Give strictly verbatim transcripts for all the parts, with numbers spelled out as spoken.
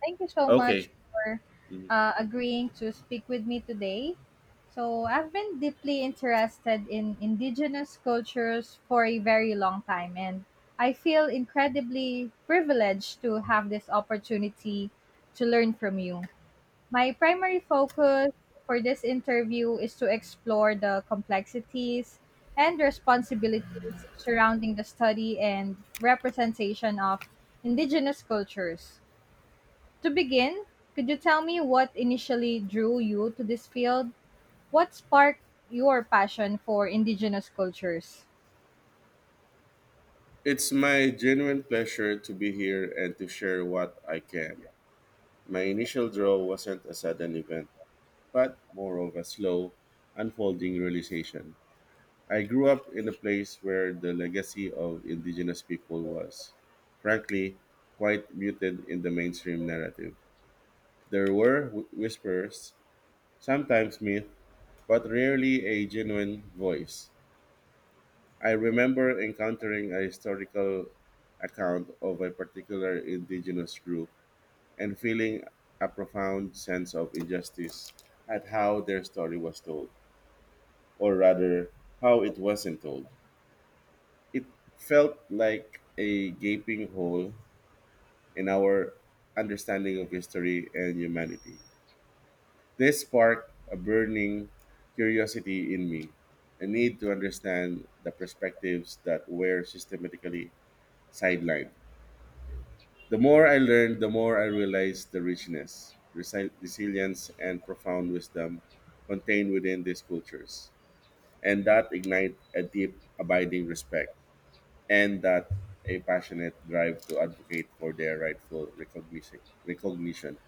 Thank you so Okay. much for Mhm. uh, agreeing to speak with me today. So, I've been deeply interested in indigenous cultures for a very long time, and I feel incredibly privileged to have this opportunity to learn from you. My primary focus for this interview is to explore the complexities and responsibilities surrounding the study and representation of indigenous cultures. To begin, could you tell me what initially drew you to this field? What sparked your passion for indigenous cultures? It's my genuine pleasure to be here and to share what I can. My initial draw wasn't a sudden event, but more of a slow, unfolding realization. I grew up in a place where the legacy of indigenous people was, frankly, quite muted in the mainstream narrative. There were wh- whispers, sometimes myth, but rarely a genuine voice. I remember encountering a historical account of a particular indigenous group and feeling a profound sense of injustice at how their story was told, or rather, how it wasn't told. It felt like a gaping hole in our understanding of history and humanity. This sparked a burning curiosity in me, a need to understand the perspectives that were systematically sidelined. The more I learned, the more I realized the richness, resi- resilience, and profound wisdom contained within these cultures, and that ignite a deep, abiding respect, and that a passionate drive to advocate for their rightful recognition. recognition.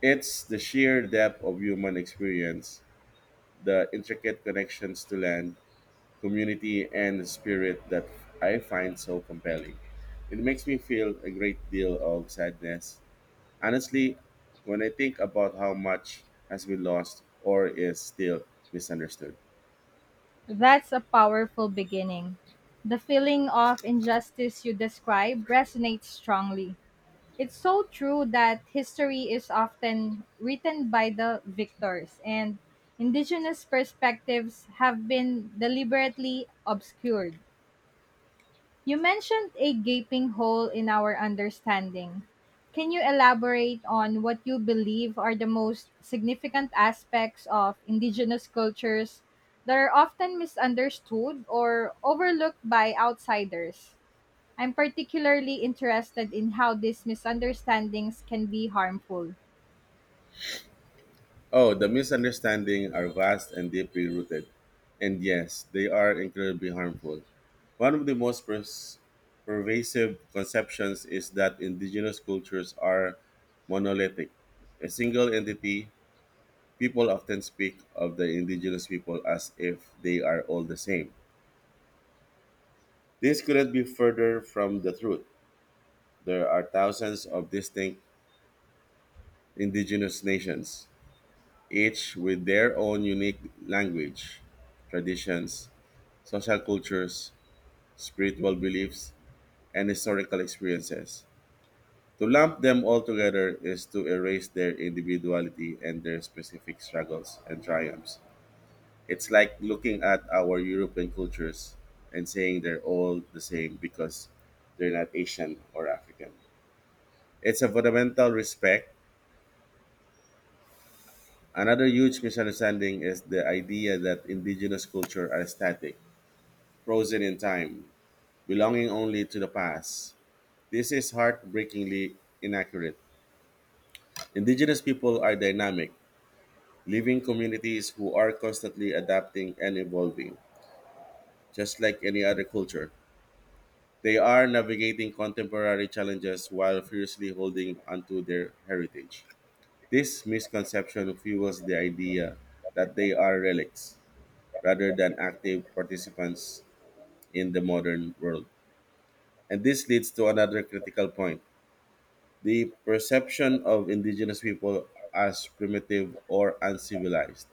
It's the sheer depth of human experience, the intricate connections to land, community, and spirit that I find so compelling. It makes me feel a great deal of sadness. Honestly, when I think about how much has been lost or is still misunderstood. That's a powerful beginning. The feeling of injustice you describe resonates strongly. It's so true that history is often written by the victors, and indigenous perspectives have been deliberately obscured. You mentioned a gaping hole in our understanding. Can you elaborate on what you believe are the most significant aspects of indigenous cultures that are often misunderstood or overlooked by outsiders? I'm particularly interested in how these misunderstandings can be harmful. Oh, the misunderstandings are vast and deeply rooted. And yes, they are incredibly harmful. One of the most pers- pervasive conceptions is that indigenous cultures are monolithic, a single entity. People often speak of the indigenous people as if they are all the same. This couldn't be further from the truth. There are thousands of distinct indigenous nations, each with their own unique language, traditions, social cultures, spiritual beliefs, and historical experiences. To lump them all together is to erase their individuality and their specific struggles and triumphs. It's like looking at our European cultures and saying they're all the same because they're not Asian or African. It's a fundamental respect. Another huge misunderstanding is the idea that indigenous culture are static, frozen in time, belonging only to the past. This is heartbreakingly inaccurate. Indigenous people are dynamic, living communities who are constantly adapting and evolving, just like any other culture. They are navigating contemporary challenges while fiercely holding onto their heritage. This misconception fuels the idea that they are relics rather than active participants in the modern world. And this leads to another critical point, the perception of indigenous people as primitive or uncivilized.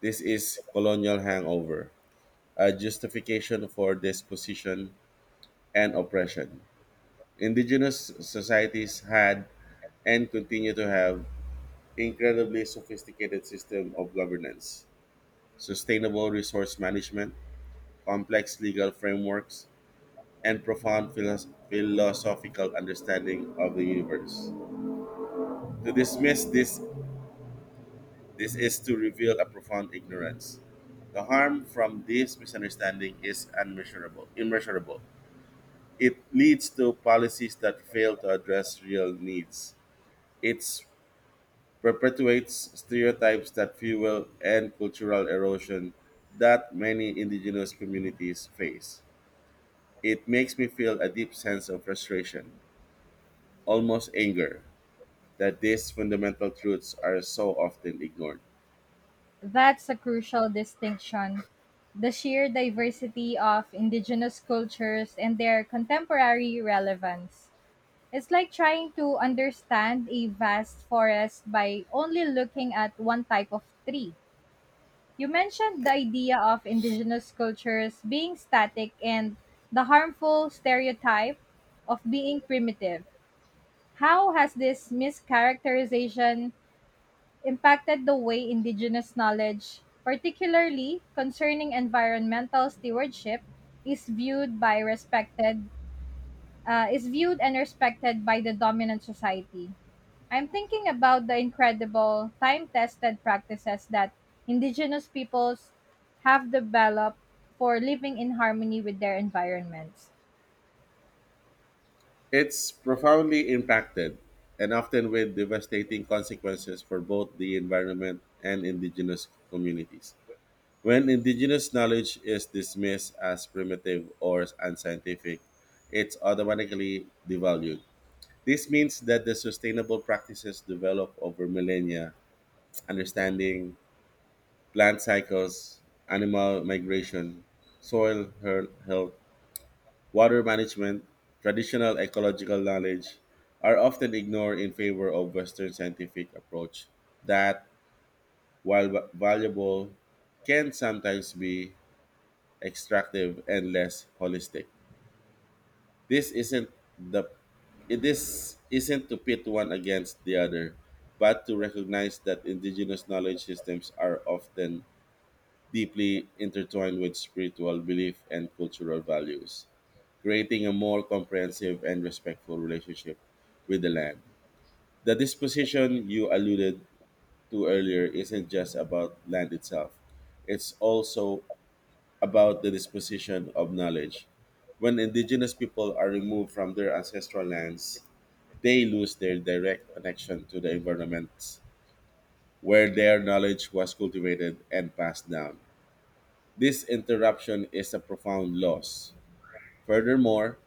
This is colonial hangover, a justification for dispossession and oppression. Indigenous societies had and continue to have incredibly sophisticated system of governance, sustainable resource management, complex legal frameworks, and profound philos- philosophical understanding of the universe. To dismiss this, this is to reveal a profound ignorance. The harm from this misunderstanding is unmeasurable, immeasurable. It leads to policies that fail to address real needs. It perpetuates stereotypes that fuel and cultural erosion that many indigenous communities face. It makes me feel a deep sense of frustration, almost anger, that these fundamental truths are so often ignored. That's a crucial distinction. The sheer diversity of indigenous cultures and their contemporary relevance. It's like trying to understand a vast forest by only looking at one type of tree. You mentioned the idea of indigenous cultures being static and the harmful stereotype of being primitive. How has this mischaracterization impacted the way indigenous knowledge, particularly concerning environmental stewardship, is viewed by respected uh, is viewed and respected by the dominant society. I'm thinking about the incredible time tested practices that indigenous peoples have developed for living in harmony with their environments. It's profoundly impacted and often with devastating consequences for both the environment and indigenous communities. When indigenous knowledge is dismissed as primitive or unscientific, it's automatically devalued. This means that the sustainable practices developed over millennia, understanding plant cycles, animal migration, soil health, water management, traditional ecological knowledge are often ignored in favor of Western scientific approach that, while va- valuable, can sometimes be extractive and less holistic. This isn't the this isn't to pit one against the other, but to recognize that indigenous knowledge systems are often deeply intertwined with spiritual belief and cultural values, creating a more comprehensive and respectful relationship with the land. The disposition you alluded to earlier isn't just about land itself, it's also about the disposition of knowledge. When indigenous people are removed from their ancestral lands, they lose their direct connection to the environment where their knowledge was cultivated and passed down. This interruption is a profound loss. Furthermore,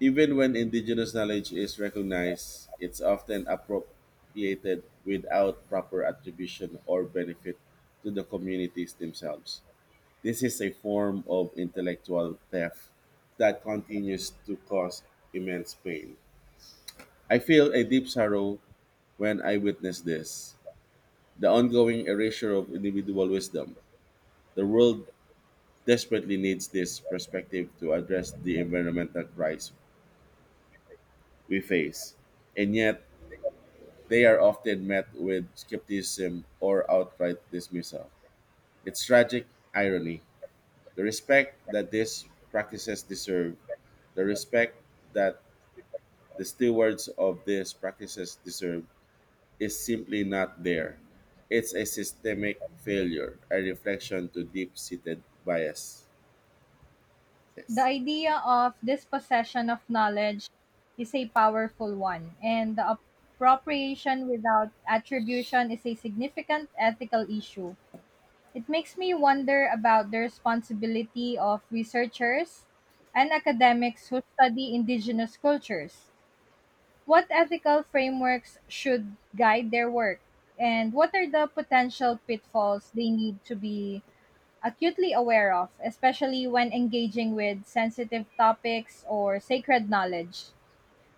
even when indigenous knowledge is recognized, it's often appropriated without proper attribution or benefit to the communities themselves. This is a form of intellectual theft that continues to cause immense pain. I feel a deep sorrow when I witness this. The ongoing erasure of individual wisdom. The world desperately needs this perspective to address the environmental crisis we face. And yet, they are often met with skepticism or outright dismissal. It's tragic irony. The respect that these practices deserve, the respect that the stewards of these practices deserve, is simply not there. It's a systemic failure, a reflection to deep seated biases. The idea of dispossession of knowledge is a powerful one, and the appropriation without attribution is a significant ethical issue. It makes me wonder about the responsibility of researchers and academics who study indigenous cultures. What ethical frameworks should guide their work? And what are the potential pitfalls they need to be acutely aware of, especially when engaging with sensitive topics or sacred knowledge?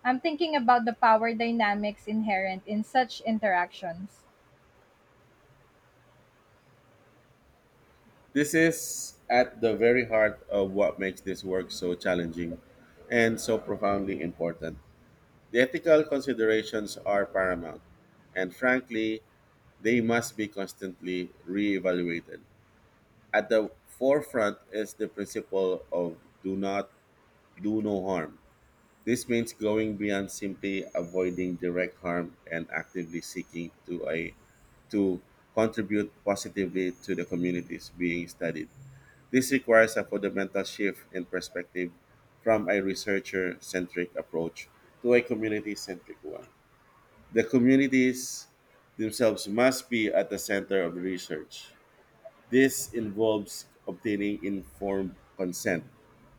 I'm thinking about the power dynamics inherent in such interactions. This is at the very heart of what makes this work so challenging and so profoundly important. The ethical considerations are paramount, and frankly, they must be constantly reevaluated. At the forefront is the principle of do not do no harm. This means going beyond simply avoiding direct harm and actively seeking to a to contribute positively to the communities being studied. This requires a fundamental shift in perspective from a researcher centric approach to a community centric one. The communities themselves must be at the center of the research. This involves obtaining informed consent,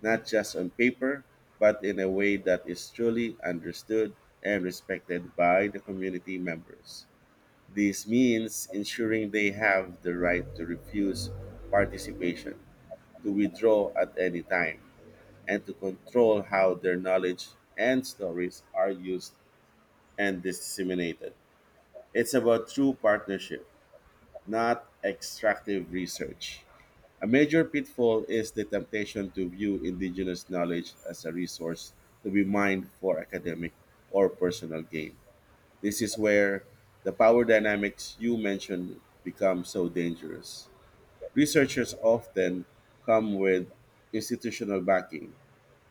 not just on paper, but in a way that is truly understood and respected by the community members. This means ensuring they have the right to refuse participation, to withdraw at any time, and to control how their knowledge and stories are used and disseminated. It's about true partnership, not extractive research. A major pitfall is the temptation to view indigenous knowledge as a resource to be mined for academic or personal gain. This is where the power dynamics you mentioned become so dangerous. Researchers often come with institutional backing,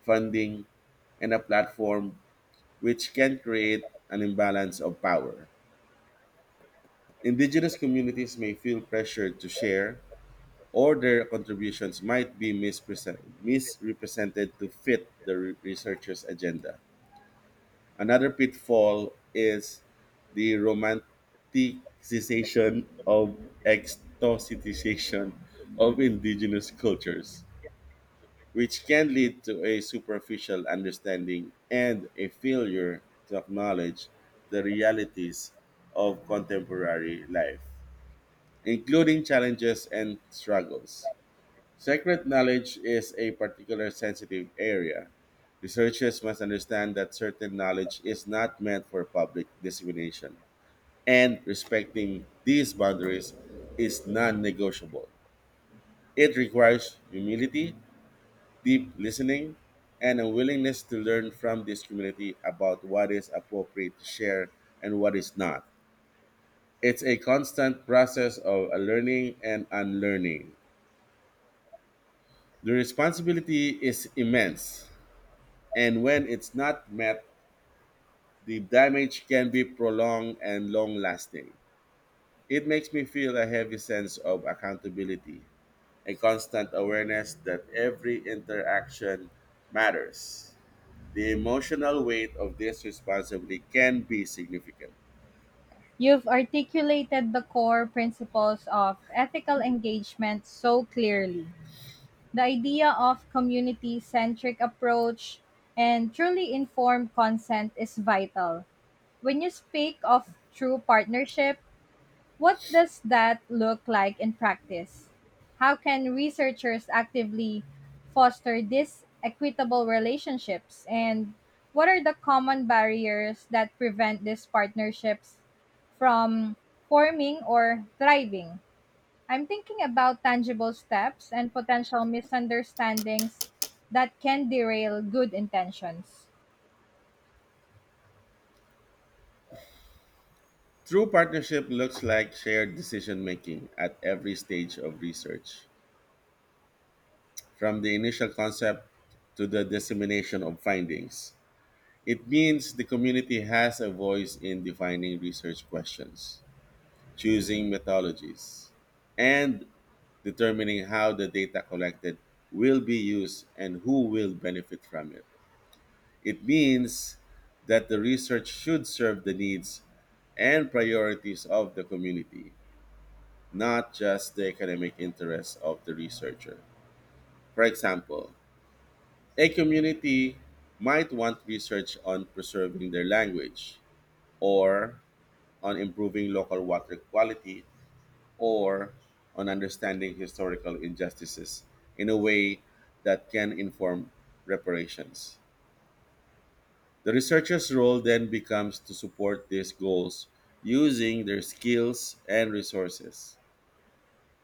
funding, and a platform which can create an imbalance of power. Indigenous communities may feel pressured to share, or their contributions might be mispresent- misrepresented to fit the re- researcher's agenda. Another pitfall is the romanticization of exoticization of indigenous cultures, which can lead to a superficial understanding and a failure to acknowledge the realities of contemporary life including challenges and struggles. Secret knowledge is a particular sensitive area. Researchers must understand that certain knowledge is not meant for public dissemination, and respecting these boundaries is non negotiable. It requires humility, deep listening, and a willingness to learn from this community about what is appropriate to share and what is not. It's a constant process of learning and unlearning. The responsibility is immense, and when it's not met, the damage can be prolonged and long lasting. It makes me feel a heavy sense of accountability, a constant awareness that every interaction matters. The emotional weight of this responsibility can be significant. You've articulated the core principles of ethical engagement so clearly. The idea of community centric approach and truly informed consent is vital. When you speak of true partnership, what does that look like in practice? How can researchers actively foster these equitable relationships? And what are the common barriers that prevent these partnerships from forming or thriving? I'm thinking about tangible steps and potential misunderstandings that can derail good intentions. True partnership looks like shared decision making at every stage of research, from the initial concept to the dissemination of findings. It means the community has a voice in defining research questions, choosing methodologies, and determining how the data collected will be used and who will benefit from it. It means that the research should serve the needs and priorities of the community, not just the academic interests of the researcher. For example, a community might want research on preserving their language or on improving local water quality or on understanding historical injustices in a way that can inform reparations. The researchers' role then becomes to support these goals using their skills and resources.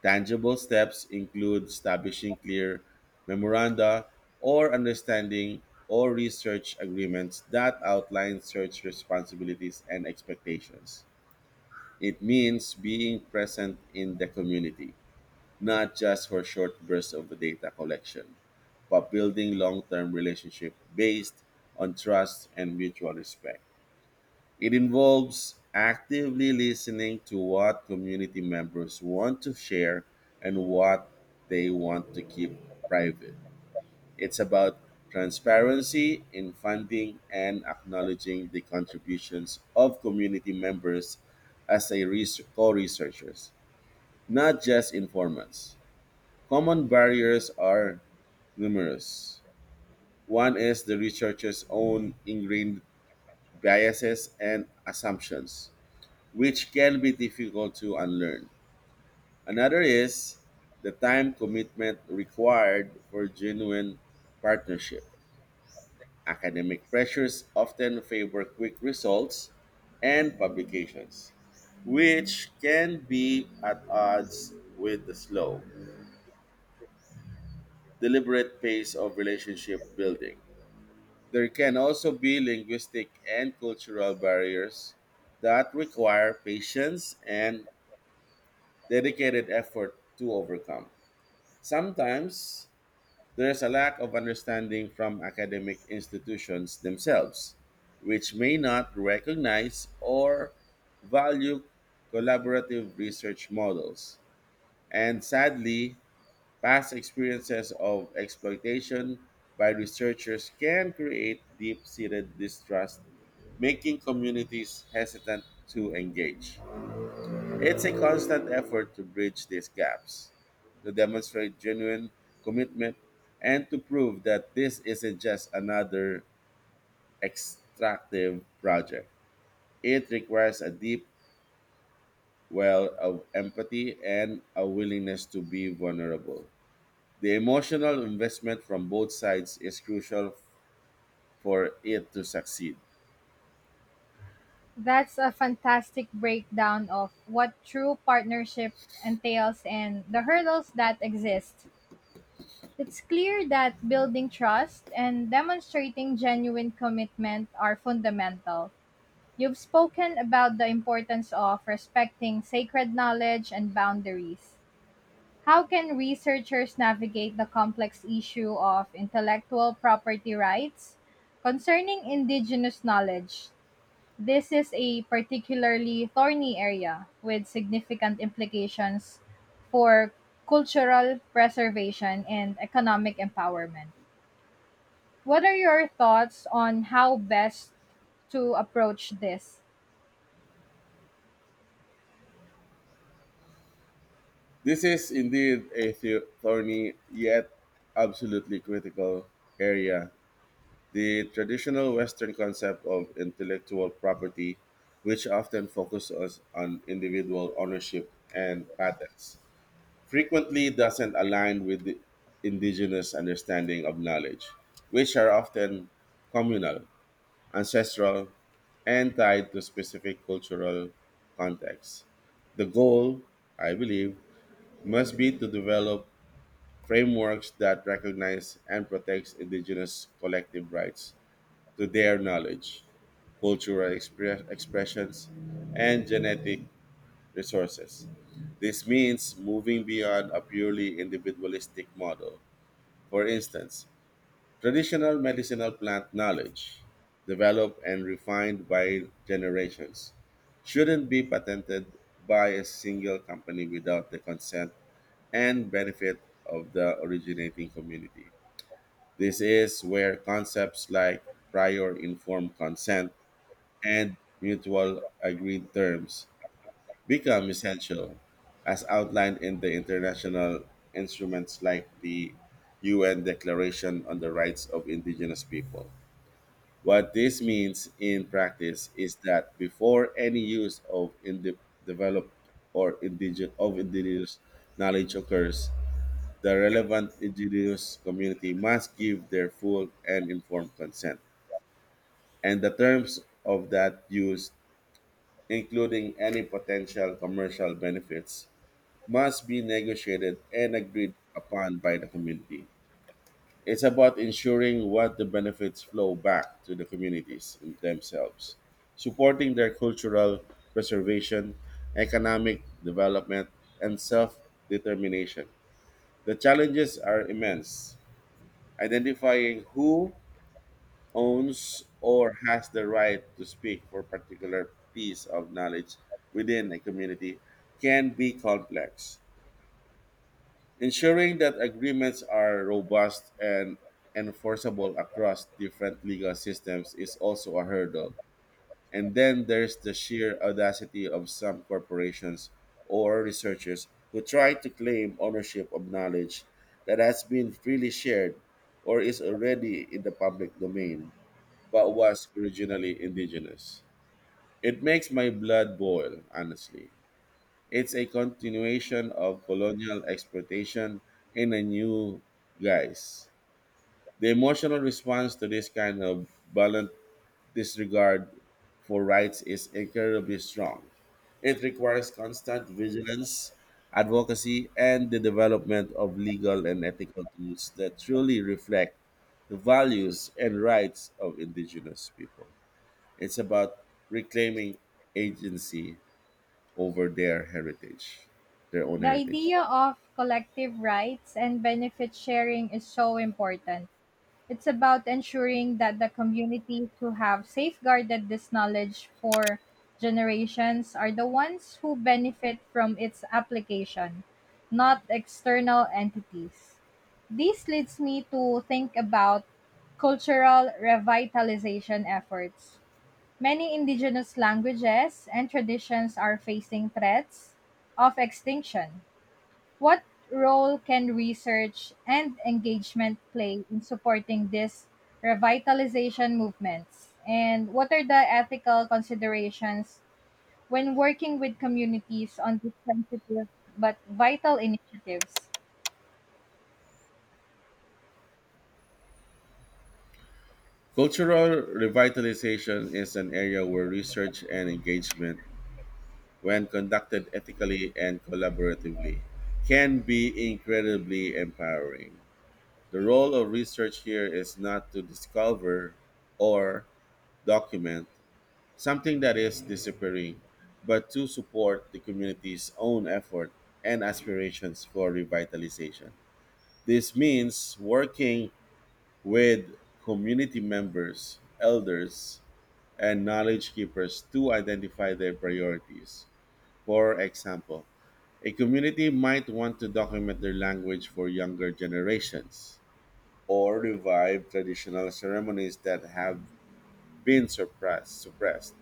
Tangible steps include establishing clear memoranda or understanding or research agreements that outline search responsibilities and expectations. It means being present in the community, not just for short bursts of data collection, but building long-term relationship based on trust and mutual respect. It involves actively listening to what community members want to share and what they want to keep private. It's about transparency in funding and acknowledging the contributions of community members as a res- co-researchers, not just informants. Common barriers are numerous. One is the researcher's own ingrained biases and assumptions, which can be difficult to unlearn. Another is the time commitment required for genuine partnership. Academic pressures often favor quick results and publications, which can be at odds with the slow, deliberate pace of relationship building. There can also be linguistic and cultural barriers that require patience and dedicated effort to overcome. Sometimes there is a lack of understanding from academic institutions themselves, which may not recognize or value collaborative research models. And sadly, past experiences of exploitation by researchers can create deep seated distrust, making communities hesitant to engage. It's a constant effort to bridge these gaps, to demonstrate genuine commitment, and to prove that this isn't just another extractive project. It requires a deep well of empathy and a willingness to be vulnerable. The emotional investment from both sides is crucial for it to succeed. That's a fantastic breakdown of what true partnership entails and the hurdles that exist. It's clear that building trust and demonstrating genuine commitment are fundamental. You've spoken about the importance of respecting sacred knowledge and boundaries. How can researchers navigate the complex issue of intellectual property rights concerning indigenous knowledge? This is a particularly thorny area with significant implications for cultural preservation and economic empowerment. What are your thoughts on how best to approach this? This is indeed a thorny yet absolutely critical area. The traditional Western concept of intellectual property, which often focuses on individual ownership and patents, frequently doesn't align with the indigenous understanding of knowledge, which are often communal, ancestral, and tied to specific cultural contexts. The goal, I believe, must be to develop frameworks that recognize and protects indigenous collective rights to their knowledge, cultural expre- expressions, and genetic resources. This means moving beyond a purely individualistic model. For instance, traditional medicinal plant knowledge, developed and refined by generations, shouldn't be patented by a single company without the consent and benefit of the originating community. This is where concepts like prior informed consent and mutual agreed terms become essential, as outlined in the international instruments like the U N Declaration on the Rights of Indigenous People. What this means in practice is that before any use of indi- developed or indigenous of indigenous knowledge occurs, the relevant indigenous community must give their full and informed consent and the terms of that use including any potential commercial benefits, must be negotiated and agreed upon by the community. It's about ensuring what the benefits flow back to the communities themselves, supporting their cultural preservation, economic development, and self determination. The challenges are immense. Identifying who owns or has the right to speak for particular piece of knowledge within a community can be complex. Ensuring that agreements are robust and enforceable across different legal systems is also a hurdle. And then there's the sheer audacity of some corporations or researchers who try to claim ownership of knowledge that has been freely shared or is already in the public domain but was originally indigenous. It makes my blood boil, honestly. It's a continuation of colonial exploitation in a new guise. The emotional response to this kind of violent disregard for rights is incredibly strong. It requires constant vigilance, advocacy, and the development of legal and ethical tools that truly reflect the values and rights of indigenous people. It's about reclaiming agency over their heritage, their own The heritage. idea of collective rights and benefit sharing is so important. It's about ensuring that the communities who have safeguarded this knowledge for generations are the ones who benefit from its application, not external entities. This leads me to think about cultural revitalization efforts. Many indigenous languages and traditions are facing threats of extinction. What role can research and engagement play in supporting these revitalization movements? And what are the ethical considerations when working with communities on these sensitive but vital initiatives? Cultural revitalization is an area where research and engagement, when conducted ethically and collaboratively, can be incredibly empowering. The role of research here is not to discover or document something that is disappearing, but to support the community's own effort and aspirations for revitalization. This means working with community members, elders, and knowledge keepers to identify their priorities. For example, a community might want to document their language for younger generations or revive traditional ceremonies that have been suppressed, suppressed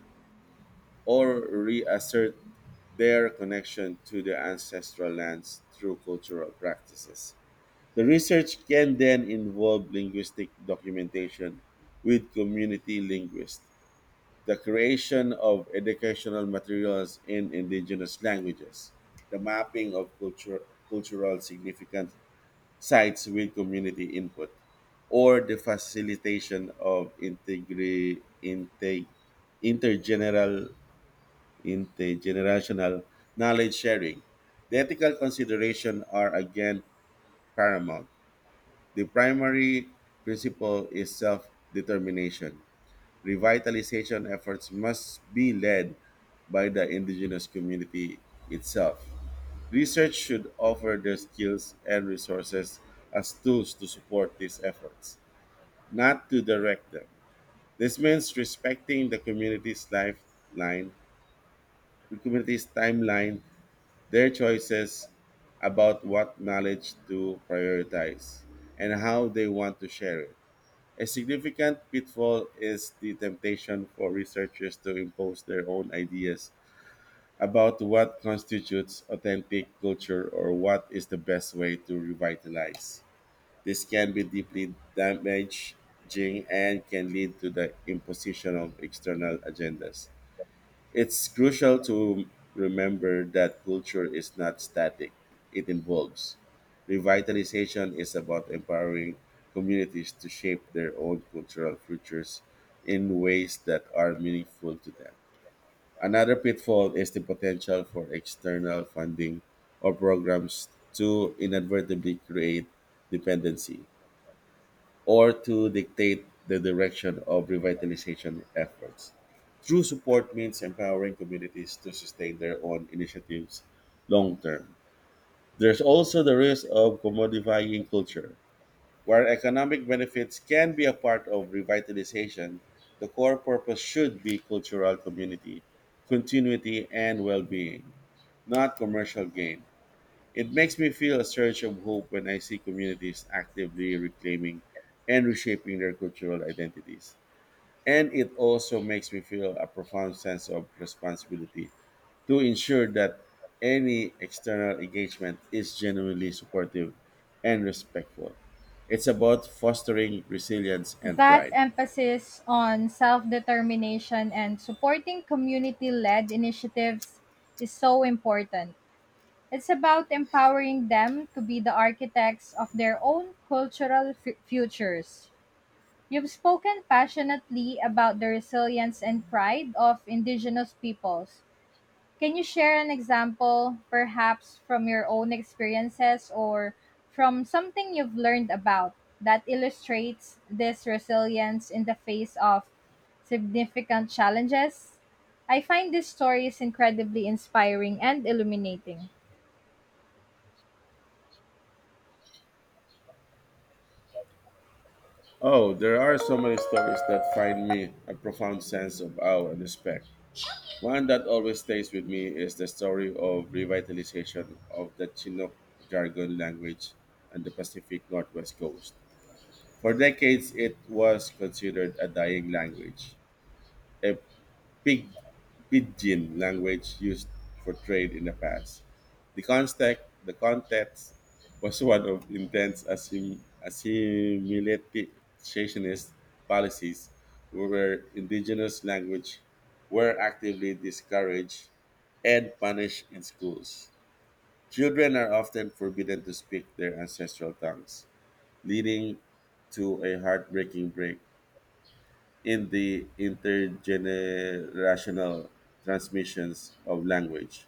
or reassert their connection to the ancestral lands through cultural practices. The research can then involve linguistic documentation with community linguists, the creation of educational materials in indigenous languages, the mapping of culture, cultural significant sites with community input, or the facilitation of integri, integ, intergeneral, intergenerational knowledge sharing. The ethical consideration are again paramount the primary principle is self determination. Revitalization efforts must be led by the indigenous community itself. Research should offer their skills and resources as tools to support these efforts, not to direct them. This means respecting the community's lifeline, the community's timeline, their choices about what knowledge to prioritize, and how they want to share it. A significant pitfall is the temptation for researchers to impose their own ideas about what constitutes authentic culture or what is the best way to revitalize. This can be deeply damaging and can lead to the imposition of external agendas. It's crucial to remember that culture is not static, it evolves. Revitalization is about empowering communities to shape their own cultural futures in ways that are meaningful to them. Another pitfall is the potential for external funding or programs to inadvertently create dependency, or to dictate the direction of revitalization efforts. True support means empowering communities to sustain their own initiatives long term. There's also the risk of commodifying culture. Where economic benefits can be a part of revitalization, the core purpose should be cultural community, continuity, and well being, not commercial gain. It makes me feel a surge of hope when I see communities actively reclaiming and reshaping their cultural identities. And it also makes me feel a profound sense of responsibility to ensure that any external engagement is genuinely supportive and respectful. It's about fostering resilience and That pride. emphasis on self determination and supporting community led initiatives is so important. It's about empowering them to be the architects of their own cultural f- futures. You've spoken passionately about the resilience and pride of Indigenous peoples. Can you share an example, perhaps from your own experiences or from something you've learned about, that illustrates this resilience in the face of significant challenges? I find these stories incredibly inspiring and illuminating. Oh, there are so many stories that find me a profound sense of awe and respect. One that always stays with me is the story of revitalization of the Chinook jargon language and the Pacific Northwest coast. For decades, it was considered a dying language, a pig Pidgin language used for trade in the past. The context, the context was one of intense assim, assimilationist policies where indigenous language were actively discouraged and punished in schools. Children are often forbidden to speak their ancestral tongues, leading to a heartbreaking break in the intergenerational transmissions of language.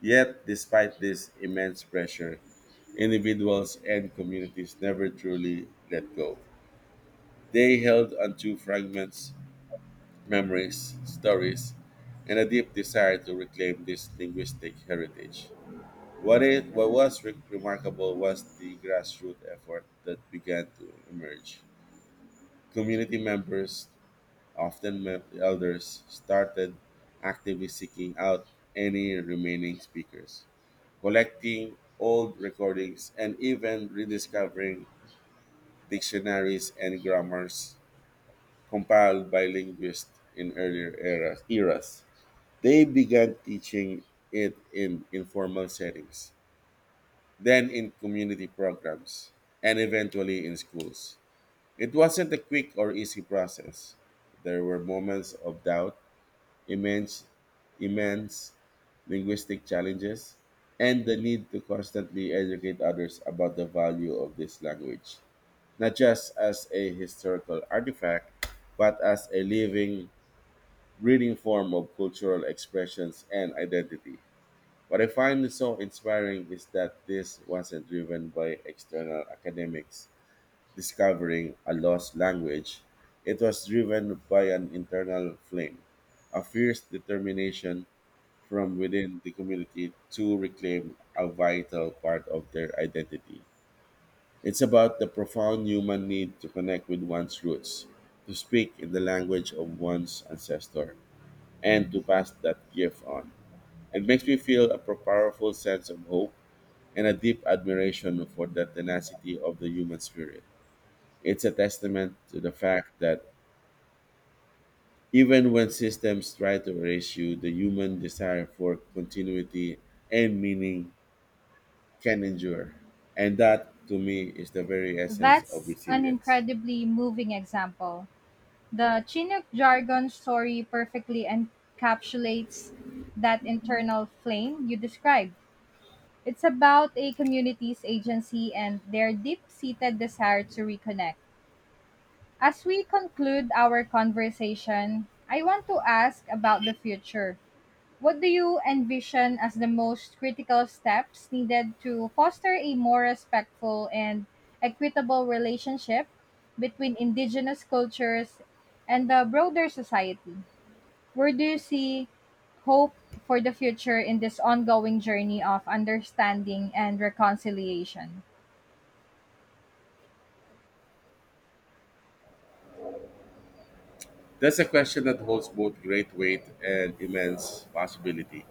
Yet, despite this immense pressure, individuals and communities never truly let go. They held onto fragments, memories, stories, and a deep desire to reclaim this linguistic heritage. What, it, what was re- remarkable was the grassroots effort that began to emerge. Community members often met the others, started actively seeking out any remaining speakers, collecting old recordings, and even rediscovering dictionaries and grammars compiled by linguists in earlier eras. eras. They began teaching it in informal settings, then in community programs, and eventually in schools. It wasn't a quick or easy process. There were moments of doubt immense, immense linguistic challenges, and the need to constantly educate others about the value of this language, not just as a historical artifact, but as a living, breathing form of cultural expressions and identity. What I find so inspiring is that this wasn't driven by external academics discovering a lost language. It was driven by an internal flame, a fierce determination from within the community to reclaim a vital part of their identity. It's about the profound human need to connect with one's roots, to speak in the language of one's ancestor, and to pass that gift on. It makes me feel a powerful sense of hope and a deep admiration for the tenacity of the human spirit. It's a testament to the fact that even when systems try to erase you, the human desire for continuity and meaning can endure. And that, to me, is the very essence of That's an resilience. incredibly moving example. The Chinook jargon story perfectly encapsulates that internal flame you described. It's about a community's agency and their deep seated desire to reconnect. As we conclude our conversation, I want to ask about the future. What do you envision as the most critical steps needed to foster a more respectful and equitable relationship between indigenous cultures and the broader society? Where do you see hope for the future in this ongoing journey of understanding and reconciliation? That's a question that holds both great weight and immense possibility.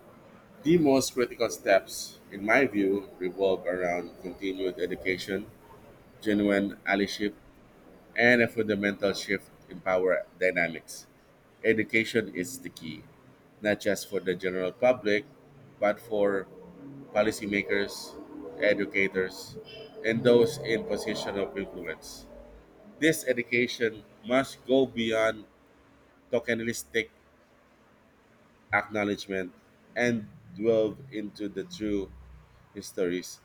The most critical steps, in my view, revolve around continued education, genuine allyship, and a fundamental shift in power dynamics. Education is the key, not just for the general public, but for policymakers, educators, and those in position of influence. This education must go beyond tokenistic acknowledgement and delve into the true histories,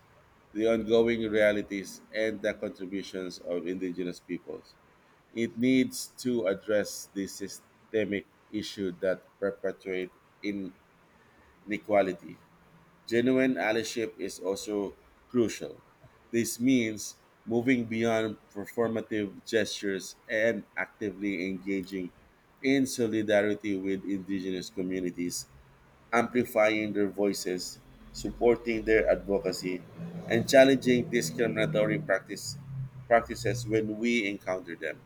the ongoing realities, and the contributions of indigenous peoples. It needs to address the systemic issue that perpetuate inequality. Genuine allyship is also crucial. This means moving beyond performative gestures and actively engaging in solidarity with indigenous communities, amplifying their voices, supporting their advocacy, and challenging discriminatory practice, practices when we encounter them.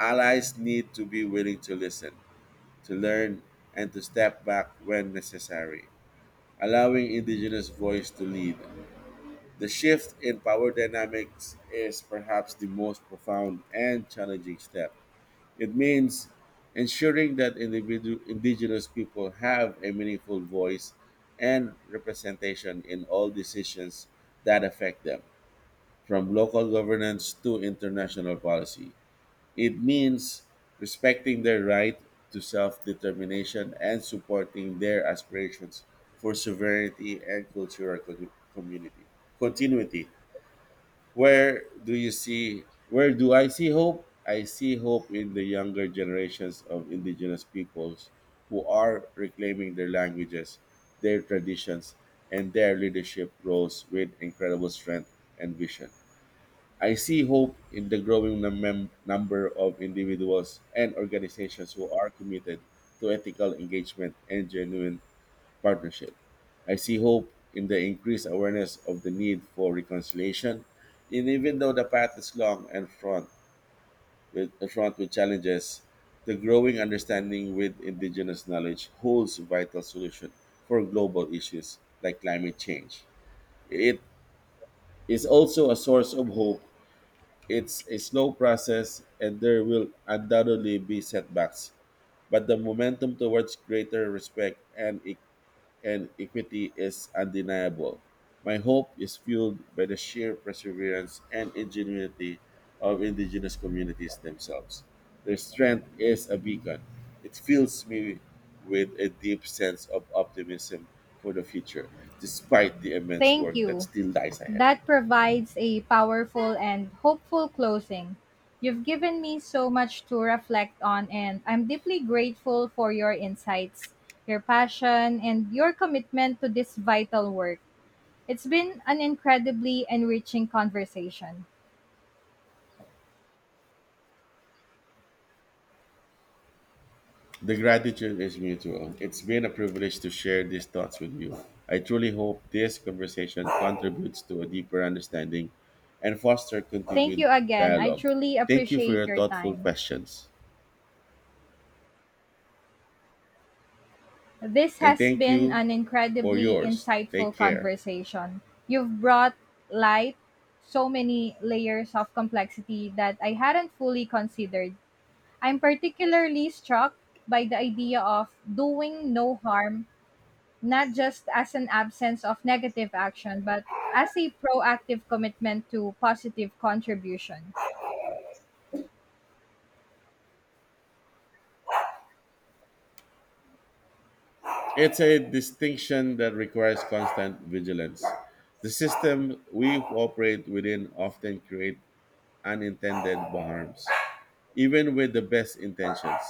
Allies need to be willing to listen, to learn, and to step back when necessary allowing indigenous voice to lead. The shift in power dynamics is perhaps the most profound and challenging step. It means ensuring that individu- indigenous people have a meaningful voice and representation in all decisions that affect them, from local governance to international policy. It means respecting their right to self determination and supporting their aspirations for sovereignty and cultural co- community continuity. Where do you see, where do I see hope? I see hope in the younger generations of indigenous peoples who are reclaiming their languages, their traditions, and their leadership roles with incredible strength and vision. I see hope in the growing num- number of individuals and organizations who are committed to ethical engagement and genuine partnership. I see hope in the increased awareness of the need for reconciliation, and even though the path is long and fraught with, fraught with challenges, the growing understanding with indigenous knowledge holds vital solution for global issues like climate change. It is also a source of hope it's a slow process and there will undoubtedly be setbacks, but the momentum towards greater respect and, e- and equity is undeniable. My hope is fueled by the sheer perseverance and ingenuity of indigenous communities themselves. Their strength is a beacon. It fills me with a deep sense of optimism for the future, despite the immense Thank work that you. still lies ahead. That provides a powerful and hopeful closing. You've given me so much to reflect on, and I'm deeply grateful for your insights, your passion, and your commitment to this vital work. It's been an incredibly enriching conversation. The gratitude is mutual. It's been a privilege to share these thoughts with you. I truly hope this conversation contributes to a deeper understanding and foster Thank continued you again. I dialogue. truly Thank you for appreciate your your thoughtful time. questions. This And has thank been you an for incredibly yours. Take insightful care. conversation. You've brought light so many layers of complexity that I hadn't fully considered. I'm particularly struck by the idea of doing no harm, not just as an absence of negative action, but as a proactive commitment to positive contribution. It's a distinction that requires constant vigilance. The system we operate within often create unintended harms, even with the best intentions.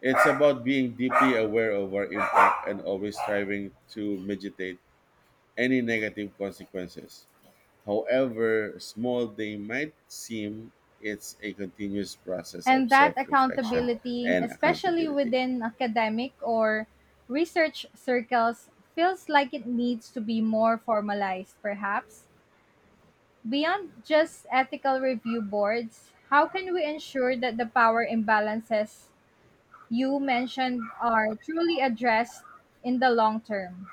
It's about being deeply aware of our impact and always striving to mitigate any negative consequences. However small they might seem, it's a continuous process of And that self reflection accountability, and especially accountability. within academic or research circles, feels like it needs to be more formalized, perhaps. Beyond just ethical review boards, how can we ensure that the power imbalances you mentioned are truly addressed in the long term?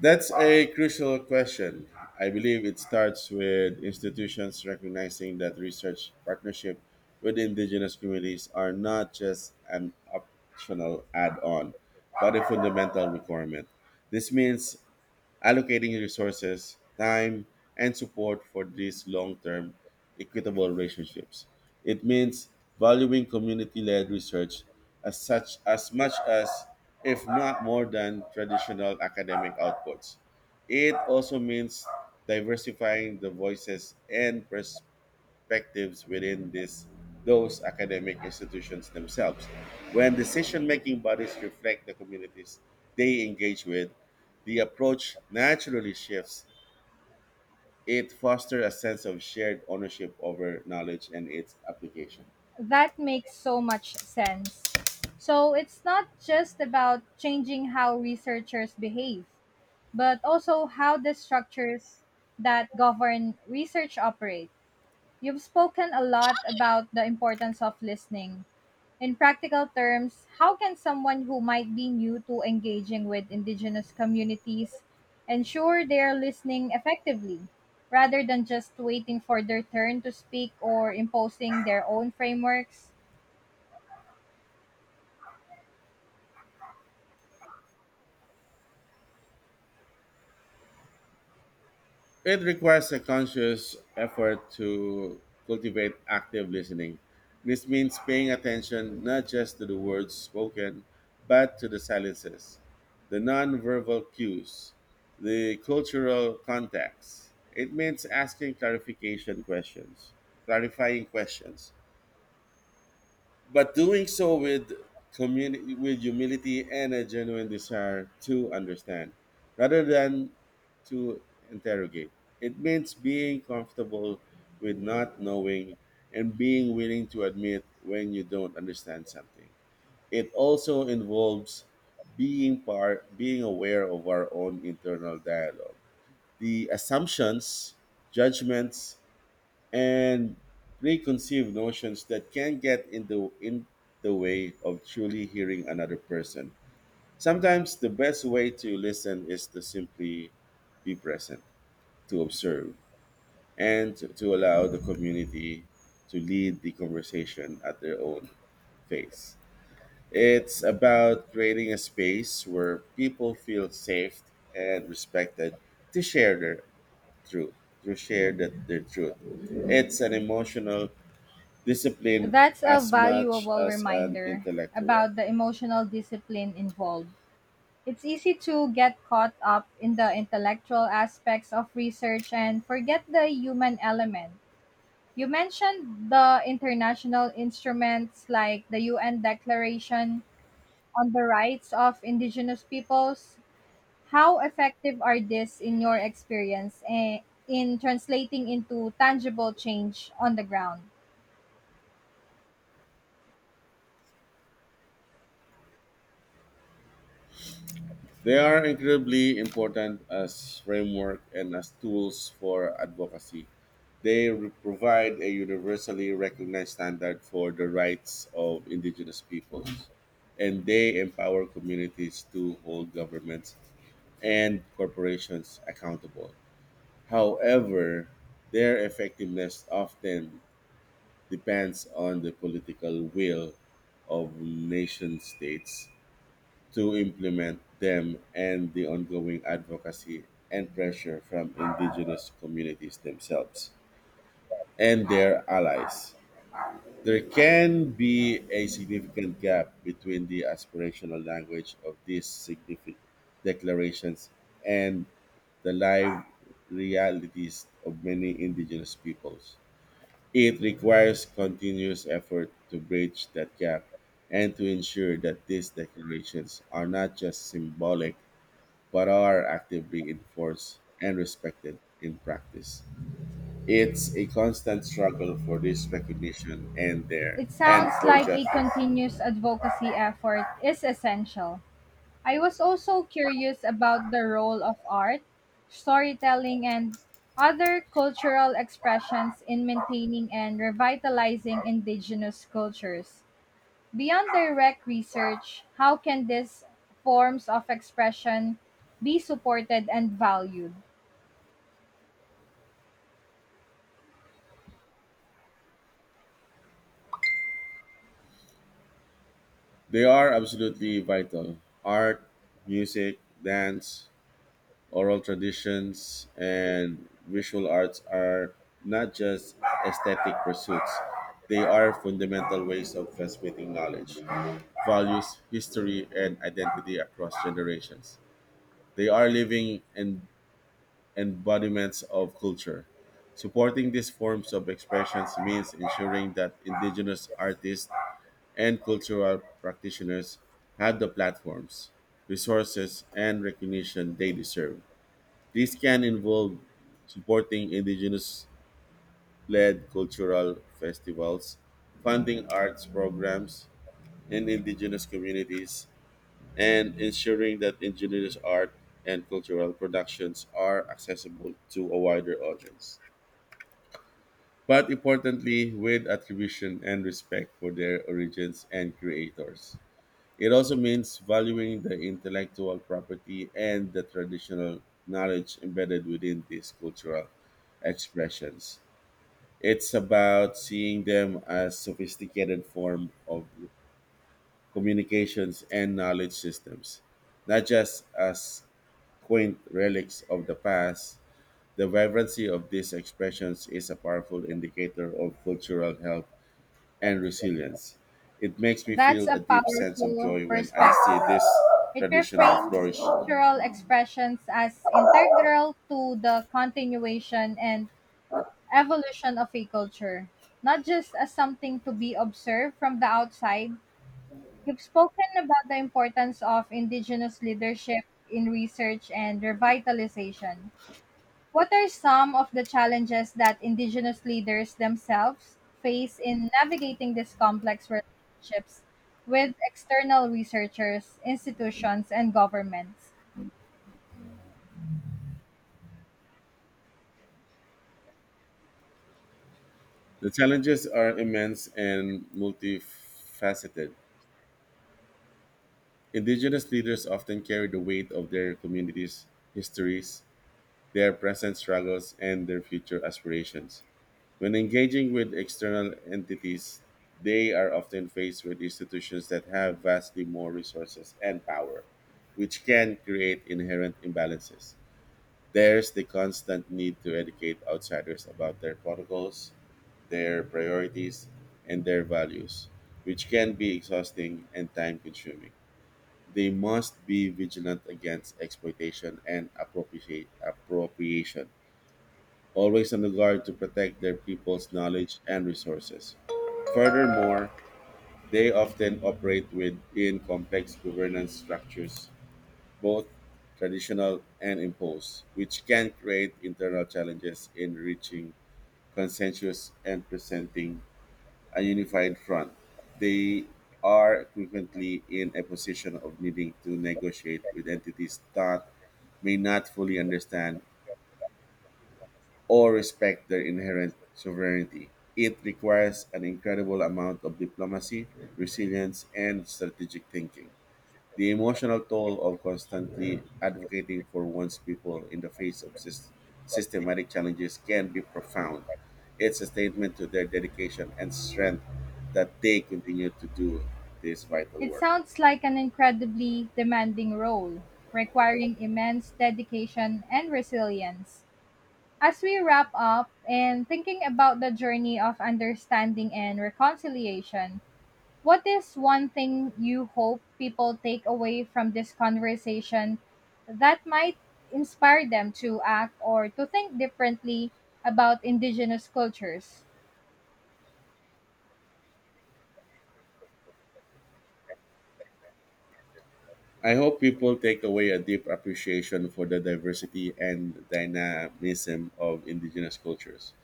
That's a crucial question. I believe it starts with institutions recognizing that research partnership with indigenous communities are not just an optional add-on, but a fundamental requirement. This means allocating resources, time, and support for these long term equitable relationships. It means valuing community led research as such as much as, if not more than, traditional academic outputs. It also means diversifying the voices and pers- perspectives within this those academic institutions themselves. When decision-making bodies reflect the communities they engage with, the approach naturally shifts. It fosters a sense of shared ownership over knowledge and its application. That makes so much sense. So it's not just about changing how researchers behave but also how the structures that govern research operate. You've spoken a lot about the importance of listening. In practical terms, how can someone who might be new to engaging with indigenous communities ensure they are listening effectively rather than just waiting for their turn to speak or imposing their own frameworks? It requires a conscious effort to cultivate active listening. This means paying attention not just to the words spoken, but to the silences, the nonverbal cues, the cultural context. It means asking clarification questions, clarifying questions, but doing so with community with humility and a genuine desire to understand rather than to interrogate. It means being comfortable with not knowing and being willing to admit when you don't understand something. It also involves being part being aware of our own internal dialogue, the assumptions, judgments, and preconceived notions that can get in the in the way of truly hearing another person. Sometimes the best way to listen is to simply be present, to observe, and to, to allow the community to lead the conversation at their own pace. It's about creating a space where people feel safe and respected to share their truth, to share that, their truth. It's an emotional discipline That's a as much valuable as an reminder intellectual. about the emotional discipline involved. It's easy to get caught up in the intellectual aspects of research and forget the human element. You mentioned the international instruments like the U N Declaration on the Rights of Indigenous Peoples. How effective are these in your experience eh, in translating into tangible change on the ground? They are incredibly important as framework and as tools for advocacy. They re- provide a universally recognized standard for the rights of indigenous peoples, and they empower communities to hold governments and corporations accountable. However, their effectiveness often depends on the political will of nation states to implement them and the ongoing advocacy and pressure from indigenous communities themselves and their allies. There can be a significant gap between the aspirational language of these significant declarations and the live realities of many indigenous peoples. It requires continuous effort to bridge that gap and to ensure that these declarations are not just symbolic but are actively enforced and respected in practice. It's a constant struggle for this recognition and there It and sounds for like a justice. continuous advocacy effort is essential. I was also curious about the role of art, storytelling, and other cultural expressions in maintaining and revitalizing indigenous cultures. Beyond direct research, how can these forms of expression be supported and valued? They are absolutely vital. Art, music, dance, oral traditions and visual arts are not just aesthetic pursuits, they are fundamental ways of transmitting knowledge, values, history, and identity across generations. They are living en- embodiments of culture. Supporting these forms of expressions means ensuring that indigenous artists and cultural practitioners have the platforms, resources, and recognition they deserve. This can involve supporting indigenous led cultural festivals, funding arts programs in indigenous communities, and ensuring that indigenous art and cultural productions are accessible to a wider audience, but importantly, with attribution and respect for their origins and creators. It also means valuing the intellectual property and the traditional knowledge embedded within these cultural expressions. It's about seeing them as sophisticated form of communications and knowledge systems, not just as quaint relics of the past. The vibrancy of these expressions is a powerful indicator of cultural health and resilience. It makes me That's feel a a deep sense of powerful joy when I see perspective. this It tradition reframes flourish. cultural expressions as integral to the continuation and evolution of a culture, not just as something to be observed from the outside. You've spoken about the importance of indigenous leadership in research and revitalization. What are some of the challenges that indigenous leaders themselves face in navigating these complex relationships with external researchers, institutions, and governments? The challenges are immense and multifaceted. Indigenous leaders often carry the weight of their communities' histories, their present struggles, and their future aspirations. When engaging with external entities, they are often faced with institutions that have vastly more resources and power, which can create inherent imbalances. There's the constant need to educate outsiders about their protocols, their priorities, and their values, which can be exhausting and time consuming. They must be vigilant against exploitation and appropriate, appropriation, always on the guard to protect their people's knowledge and resources. Furthermore, they often operate within complex governance structures, both traditional and imposed, which can create internal challenges in reaching consensus and presenting a unified front. They are frequently in a position of needing to negotiate with entities that may not fully understand or respect their inherent sovereignty. It requires an incredible amount of diplomacy, resilience, and strategic thinking. The emotional toll of constantly advocating for one's people in the face of sys- systematic challenges can be profound. It's a statement to their dedication and strength that they continue to do this vital It work. sounds like an incredibly demanding role, requiring immense dedication and resilience. As we wrap up and thinking about the journey of understanding and reconciliation, what is one thing you hope people take away from this conversation that might inspire them to act or to think differently about indigenous cultures? I hope people take away a deep appreciation for the diversity and dynamism of indigenous cultures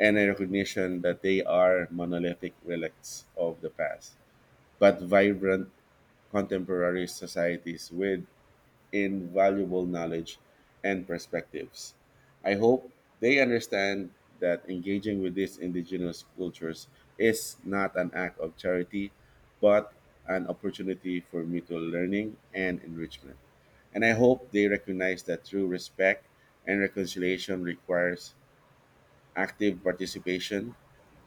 and a recognition that they are monolithic relics of the past, but vibrant contemporary societies with invaluable knowledge and perspectives. I hope they understand that engaging with these indigenous cultures is not an act of charity, but an opportunity for mutual learning and enrichment. And I hope they recognize that true respect and reconciliation requires active participation,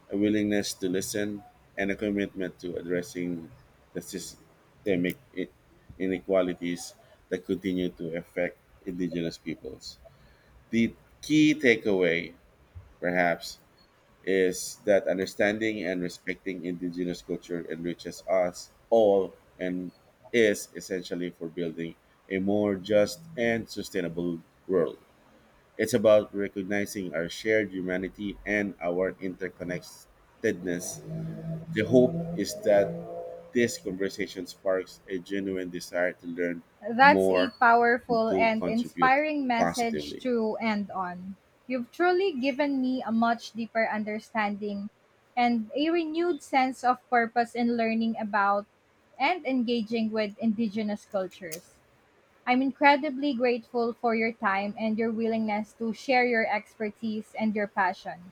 a willingness to listen, and a commitment to addressing the systemic i- inequalities that continue to affect indigenous peoples. The key takeaway, perhaps, is that understanding and respecting indigenous culture enriches us all and is essentially for building a more just and sustainable world. It's about recognizing our shared humanity and our interconnectedness. The hope is that this conversation sparks a genuine desire to learn That's a more and powerful to and contribute inspiring message positively. to end on. You've truly given me a much deeper understanding and a renewed sense of purpose in learning about and engaging with indigenous cultures. I'm incredibly grateful for your time and your willingness to share your expertise and your passion.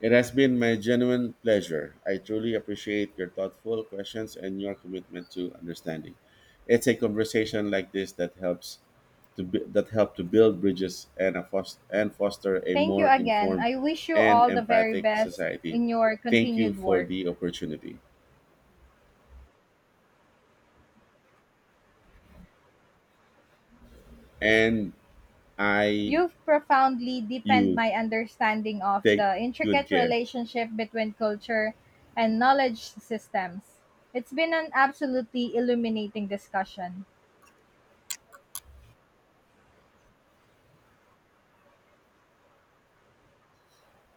It has been my genuine pleasure. I truly appreciate your thoughtful questions and your commitment to understanding. It's a conversation like this that helps to bu- that help to build bridges and a fos- and foster a Thank you more again. informed I wish you and all the very empathic best society. in your Thank you continued for work. the opportunity. And I You've profoundly deepened you. my understanding of Take the good intricate care. relationship between culture and knowledge systems. It's been an absolutely illuminating discussion.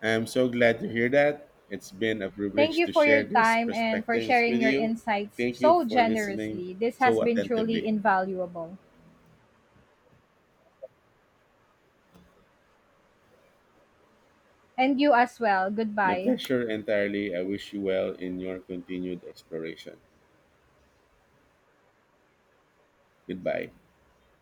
I am so glad to hear that. It's been a Thank privilege you to for share your these time and for perspectives with sharing your you. insights Thank you so for listening generously. This has so been truly attentively. invaluable. And you as well. My Goodbye. pleasure entirely. I wish you well in your continued exploration. Goodbye.